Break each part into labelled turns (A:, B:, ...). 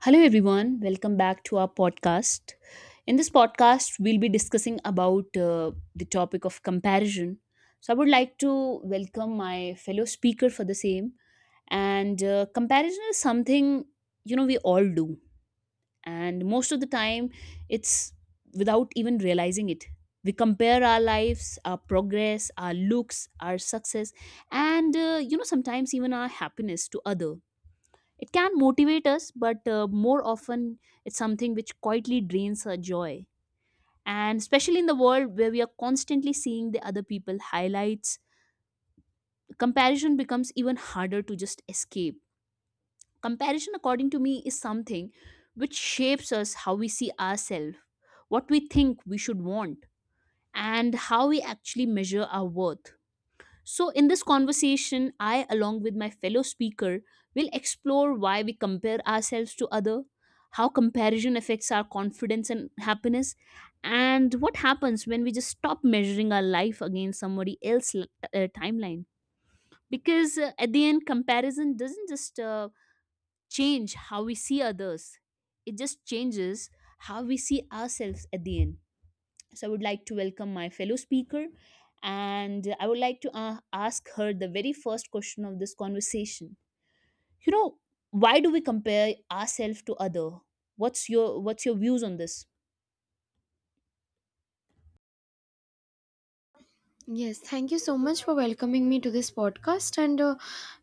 A: Hello, everyone. Welcome back to our podcast. In this podcast, we'll be discussing about the topic of comparison. So, I would like to welcome my fellow speaker for the same. And comparison is something we all do, and most of the time, it's without even realizing it. We compare our lives, our progress, our looks, our success, and sometimes even our happiness to other. It can motivate us, but more often it's something which quietly drains our joy. And especially in the world where we are constantly seeing the other people highlights, comparison becomes even harder to just escape. Comparison, according to me, is something which shapes us how we see ourselves, what we think we should want, and how we actually measure our worth. So, in this conversation, I, along with my fellow speaker, will explore why we compare ourselves to other, how comparison affects our confidence and happiness, and what happens when we just stop measuring our life against somebody else's timeline. Because at the end, comparison doesn't just change how we see others; it just changes how we see ourselves at the end. So I would like to welcome my fellow speaker and I would like to ask her the very first question of this conversation. You know, why do we compare ourselves to other? What's your views on this?
B: Yes, thank you so much for welcoming me to this podcast. And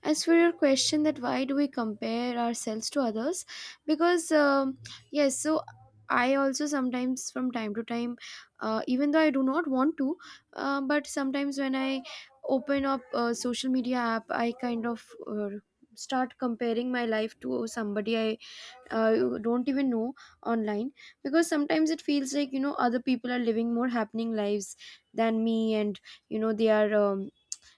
B: as for your question, that why do we compare ourselves to others? Because, um, yes, so I also sometimes, from time to time, even though I do not want to, but sometimes when I open up a social media app, I kind of start comparing my life to somebody I you don't even know online, because sometimes it feels like you know other people are living more happening lives than me, and you know they are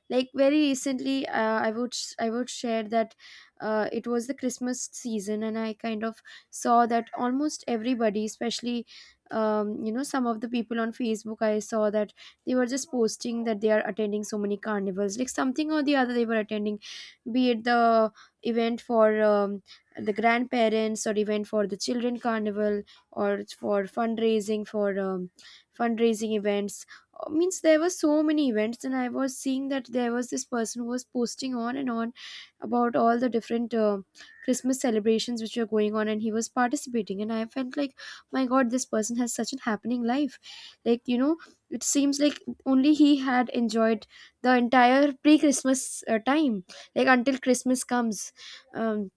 B: like very recently. I would share that it was the Christmas season, and I kind of saw that almost everybody, especially you know, some of the people on Facebook, I saw that they were just posting that they are attending so many carnivals, like something or the other they were attending, be it the event for the grandparents, or event for the children carnival, or it's for fundraising events. Means there were so many events, and I was seeing that there was this person who was posting on and on about all the different Christmas celebrations which were going on, and he was participating, and I felt like, my God, this person has such an happening life, like you know. It seems like only he had enjoyed the entire pre-Christmas time, like until Christmas comes. um,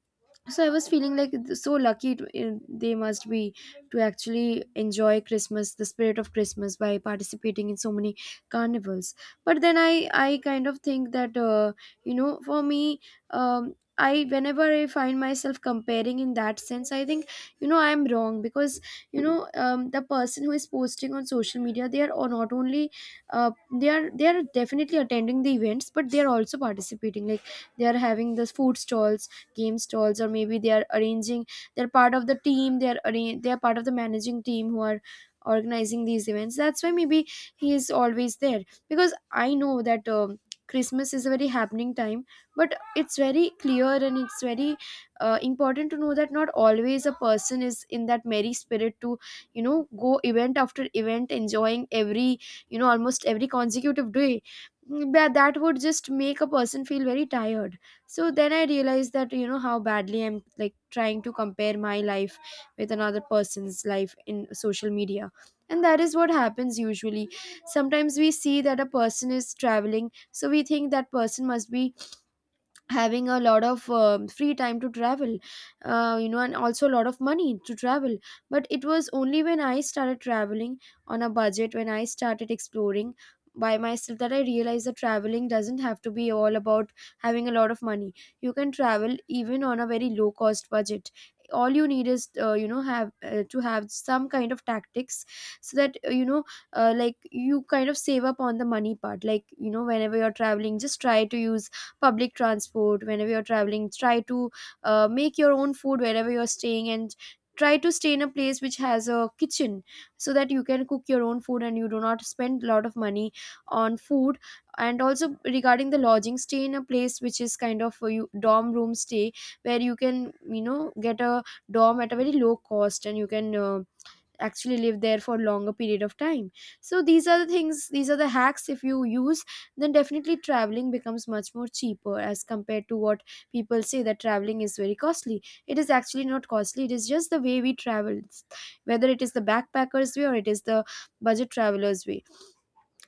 B: so I was feeling like so lucky to, in, they must be, to actually enjoy Christmas, the spirit of Christmas, by participating in so many carnivals. But then I kind of think that you know, for me, I, whenever I find myself comparing in that sense, I think, you know, I'm wrong, because you know, the person who is posting on social media, they are not only, they are, they are definitely attending the events, but they are also participating. Like, they are having the food stalls, game stalls, or maybe they are arranging, they're part of the team, they're part of the managing team who are organizing these events. That's why maybe he is always there, because I know that Christmas is a very happening time. But it's very clear and it's very important to know that not always a person is in that merry spirit to, you know, go event after event, enjoying every, you know, almost every consecutive day. That would just make a person feel very tired. So then I realized that, you know, how badly I'm like trying to compare my life with another person's life in social media. And that is what happens usually. Sometimes we see that a person is traveling, so we think that person must be having a lot of free time to travel, you know, and also a lot of money to travel. But it was only when I started traveling on a budget, when I started exploring by myself, that I realized that traveling doesn't have to be all about having a lot of money. You can travel even on a very low cost budget. All you need is you know, have to have some kind of tactics, so that you know, like, you kind of save up on the money part. Like, you know, whenever you're traveling, just try to use public transport. Whenever you're traveling, try to make your own food wherever you're staying, and try to stay in a place which has a kitchen, so that you can cook your own food and you do not spend a lot of money on food. And also regarding the lodging, stay in a place which is kind of a dorm room stay, where you can, you know, get a dorm at a very low cost, and you can actually live there for longer period of time. So these are the things, these are the hacks, if you use, then definitely traveling becomes much more cheaper as compared to what people say, that traveling is very costly. It is actually not costly, it is just the way we travel, whether it is the backpackers way or it is the budget travelers way.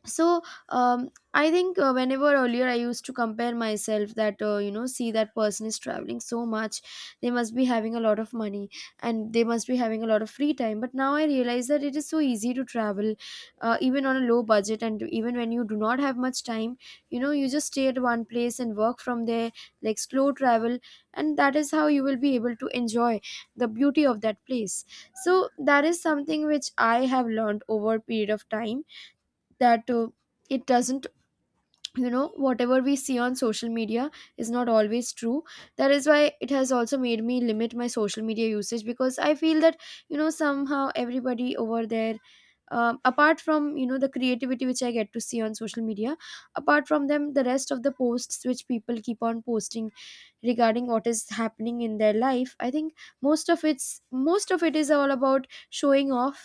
B: So I think, whenever earlier I used to compare myself that, you know, see, that person is traveling so much, they must be having a lot of money, and they must be having a lot of free time. But now I realize that it is so easy to travel even on a low budget, and even when you do not have much time, you know, you just stay at one place and work from there, like slow travel. And that is how you will be able to enjoy the beauty of that place. So that is something which I have learned over a period of time, that it doesn't, you know, whatever we see on social media is not always true. That is why it has also made me limit my social media usage, because I feel that, you know, somehow everybody over there, apart from, you know, the creativity which I get to see on social media, apart from them, the rest of the posts which people keep on posting regarding what is happening in their life, I think most of it is all about showing off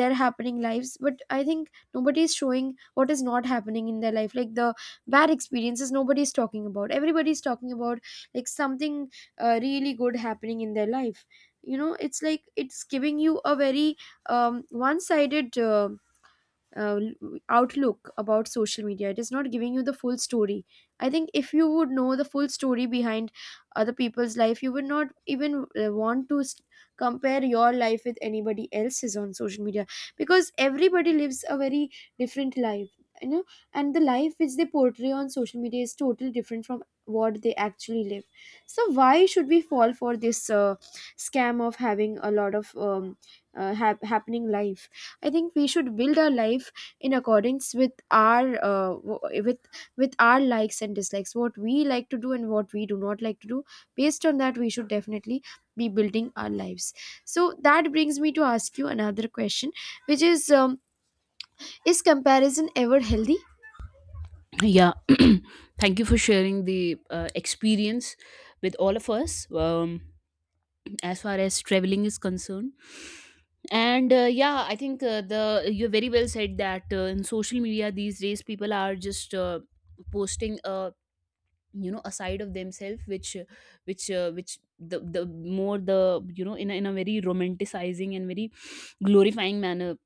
B: their happening lives. But I think nobody is showing what is not happening in their life, like the bad experiences. Nobody is talking about, everybody is talking about like something really good happening in their life. You know, it's like, it's giving you a very one-sided uh, outlook about social media. It is not giving you the full story. I think if you would know the full story behind other people's life, you would not even want to s compare your life with anybody else's on social media, because everybody lives a very different life, you know. And the life which they portray on social media is totally different from what they actually live. So why should we fall for this scam of having a lot of happening life? I think we should build our life in accordance with our with our likes and dislikes, what we like to do and what we do not like to do. Based on that, we should definitely be building our lives. So that brings me to ask you another question, which is, is comparison ever healthy?
A: Yeah. Thank you for sharing the experience with all of us. As far as traveling is concerned, and yeah, I think the, you very well said that in social media these days people are just posting a, you know, a side of themselves which which the more the you know, in a very romanticizing and very glorifying manner,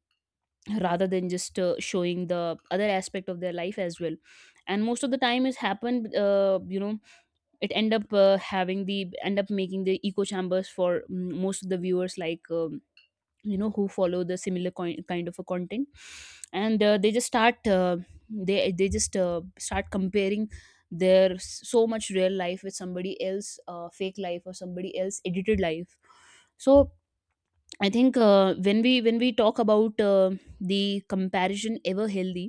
A: rather than just showing the other aspect of their life as well. And most of the time it's happened, you know, it end up having the, end up making the echo chambers for most of the viewers, like you know, who follow the similar kind of a content. And they just start comparing their so much real life with somebody else fake life or somebody else edited life. So I think when we talk about the comparison ever healthy,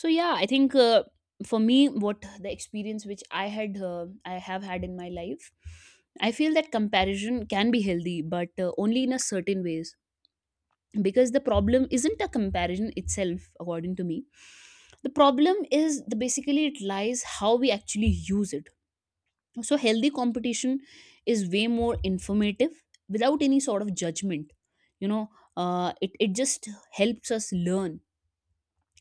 A: so yeah, I think for me, what the experience which I had I have had in my life, I feel that comparison can be healthy, but only in a certain ways, because the problem isn't a comparison itself, according to me. The problem is the, basically it lies how we actually use it. So healthy competition is way more informative without any sort of judgment, you know. It, it just helps us learn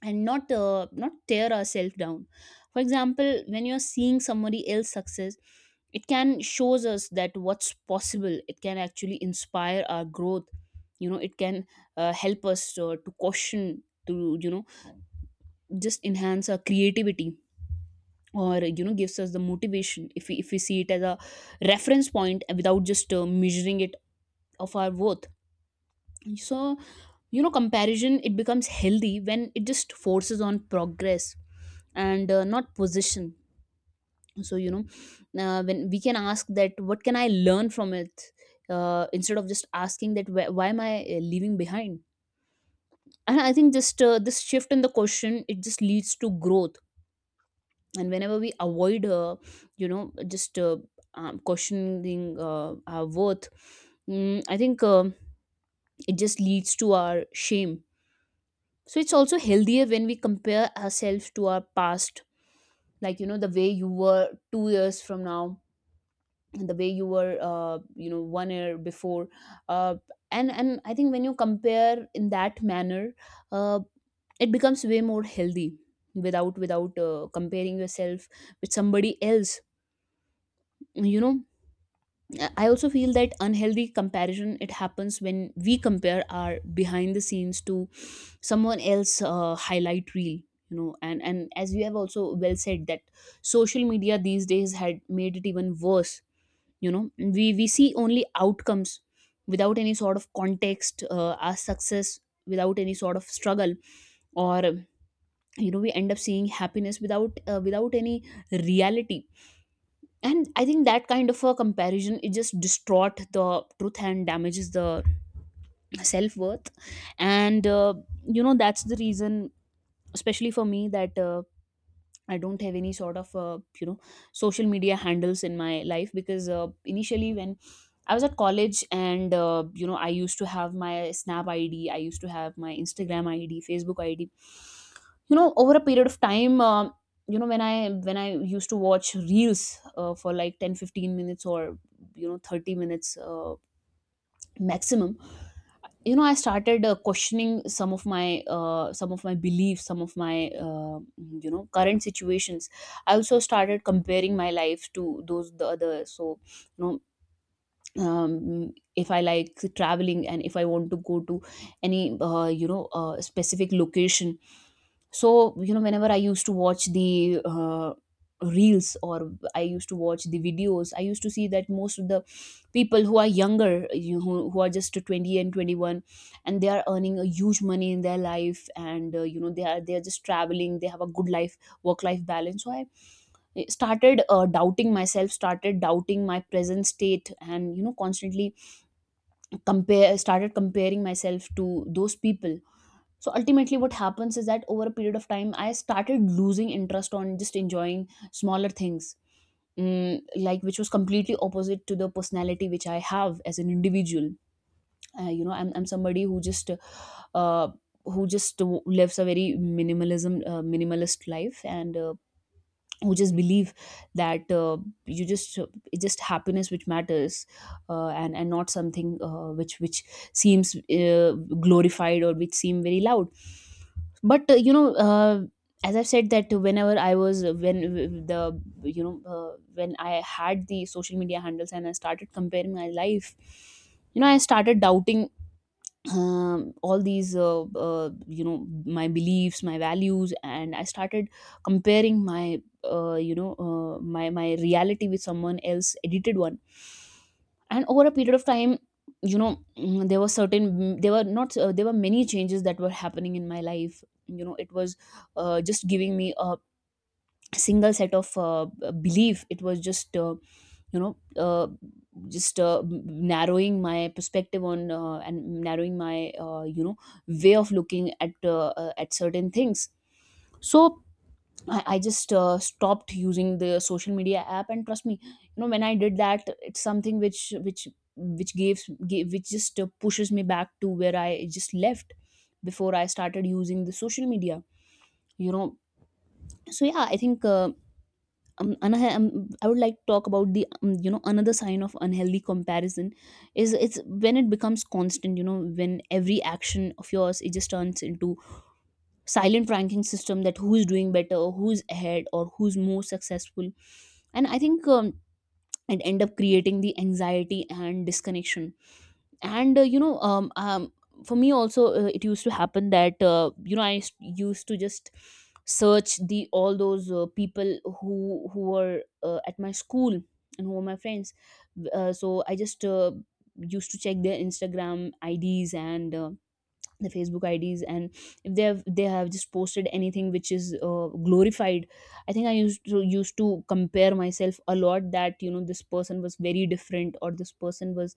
A: and not tear ourselves down. For example, when you're seeing somebody else success, it can shows us that what's possible. It can actually inspire our growth. You know, it can help us to caution to, you know, just enhance our creativity, or, you know, gives us the motivation if we see it as a reference point without just measuring it of our worth. So, you know, comparison it becomes healthy when it just forces on progress and not position. So, you know, when we can ask that what can I learn from it, instead of just asking that why am I leaving behind. And I think just this shift in the question, it just leads to growth. And whenever we avoid you know, just questioning our worth, I think it just leads to our shame. So it's also healthier when we compare ourselves to our past, like, you know, the way you were 2 years from now and the way you were, you know, one year before, uh, and I think when you compare in that manner, uh, it becomes way more healthy without comparing yourself with somebody else, you know. I also feel that unhealthy comparison it happens when we compare our behind the scenes to someone else highlight reel, you know. And as you have also well said that social media these days had made it even worse. You know, we see only outcomes without any sort of context, our success without any sort of struggle, or, you know, we end up seeing happiness without any reality. And I think that kind of a comparison, it just distort the truth and damages the self-worth. And you know, that's the reason, especially for me, that I don't have any sort of you know, social media handles in my life. Because initially, when I was at college and, you know, I used to have my Snap ID, I used to have my Instagram ID, Facebook ID. You know, over a period of time, you know, when I used to watch reels for like 10, 15 minutes or, you know, 30 minutes maximum, you know, I started questioning some of my, some of my beliefs, some of my, you know, current situations. I also started comparing my life to those the other. So, you know, if I like traveling and if I want to go to any, you know, specific location. So, you know, whenever I used to watch the reels or I used to watch the videos, I used to see that most of the people who are younger, you, who are just 20 and 21, and they are earning a huge money in their life. And you know, they are just traveling, they have a good life work life balance. So I started doubting myself, started doubting my present state, and, you know, constantly compare started comparing myself to those people. So ultimately what happens is that over a period of time, I started losing interest on just enjoying smaller things. Like, which was completely opposite to the personality which I have as an individual. You know, I'm somebody uh, who just lives a very minimalism minimalist life, and who just believe that you just, it's just happiness which matters, and not something which seems glorified or which seem very loud. But you know, as I've said that whenever I was, when the, you know, when I had the social media handles and I started comparing my life, you know, I started doubting all these you know, my beliefs, my values, and I started comparing my, you know, my reality with someone else edited one. And over a period of time, you know, mm, there were certain mm, there were not there were many changes that were happening in my life. You know, it was just giving me a single set of, belief. It was just you know, uh, just uh, m- narrowing my perspective on, and narrowing my, you know, way of looking at certain things. So I just stopped using the social media app. And trust me, you know, when I did that, it's something which which gives gave, which just pushes me back to where I just left before I started using the social media, you know. So yeah, I think another, I would like to talk about the, you know, another sign of unhealthy comparison is, it's when it becomes constant. You know, when every action of yours it just turns into silent ranking system, that who's doing better, who's ahead, or who's more successful. And I think, it end up creating the anxiety and disconnection. And you know, for me also, it used to happen that you know, used to just search the all those people who were at my school and who were my friends. So I just used to check their Instagram IDs and, the Facebook IDs. And if they have just posted anything which is glorified, I think I used to compare myself a lot, that you know, this person was very different, or this person was,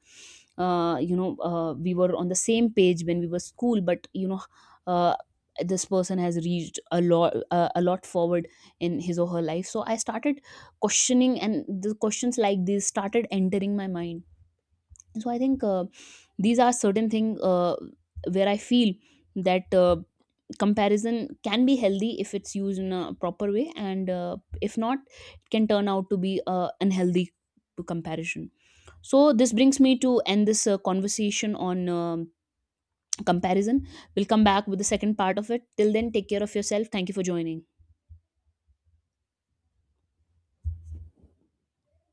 A: you know, we were on the same page when we were school, but you know, uh, this person has reached a lot, a lot forward in his or her life. So I started questioning, and the questions like these started entering my mind. So I think these are certain things where I feel that comparison can be healthy if it's used in a proper way, and if not, it can turn out to be unhealthy to comparison. So this brings me to end this conversation on comparison. We'll come back with the second part of it. Till then, take care of yourself. Thank you for joining.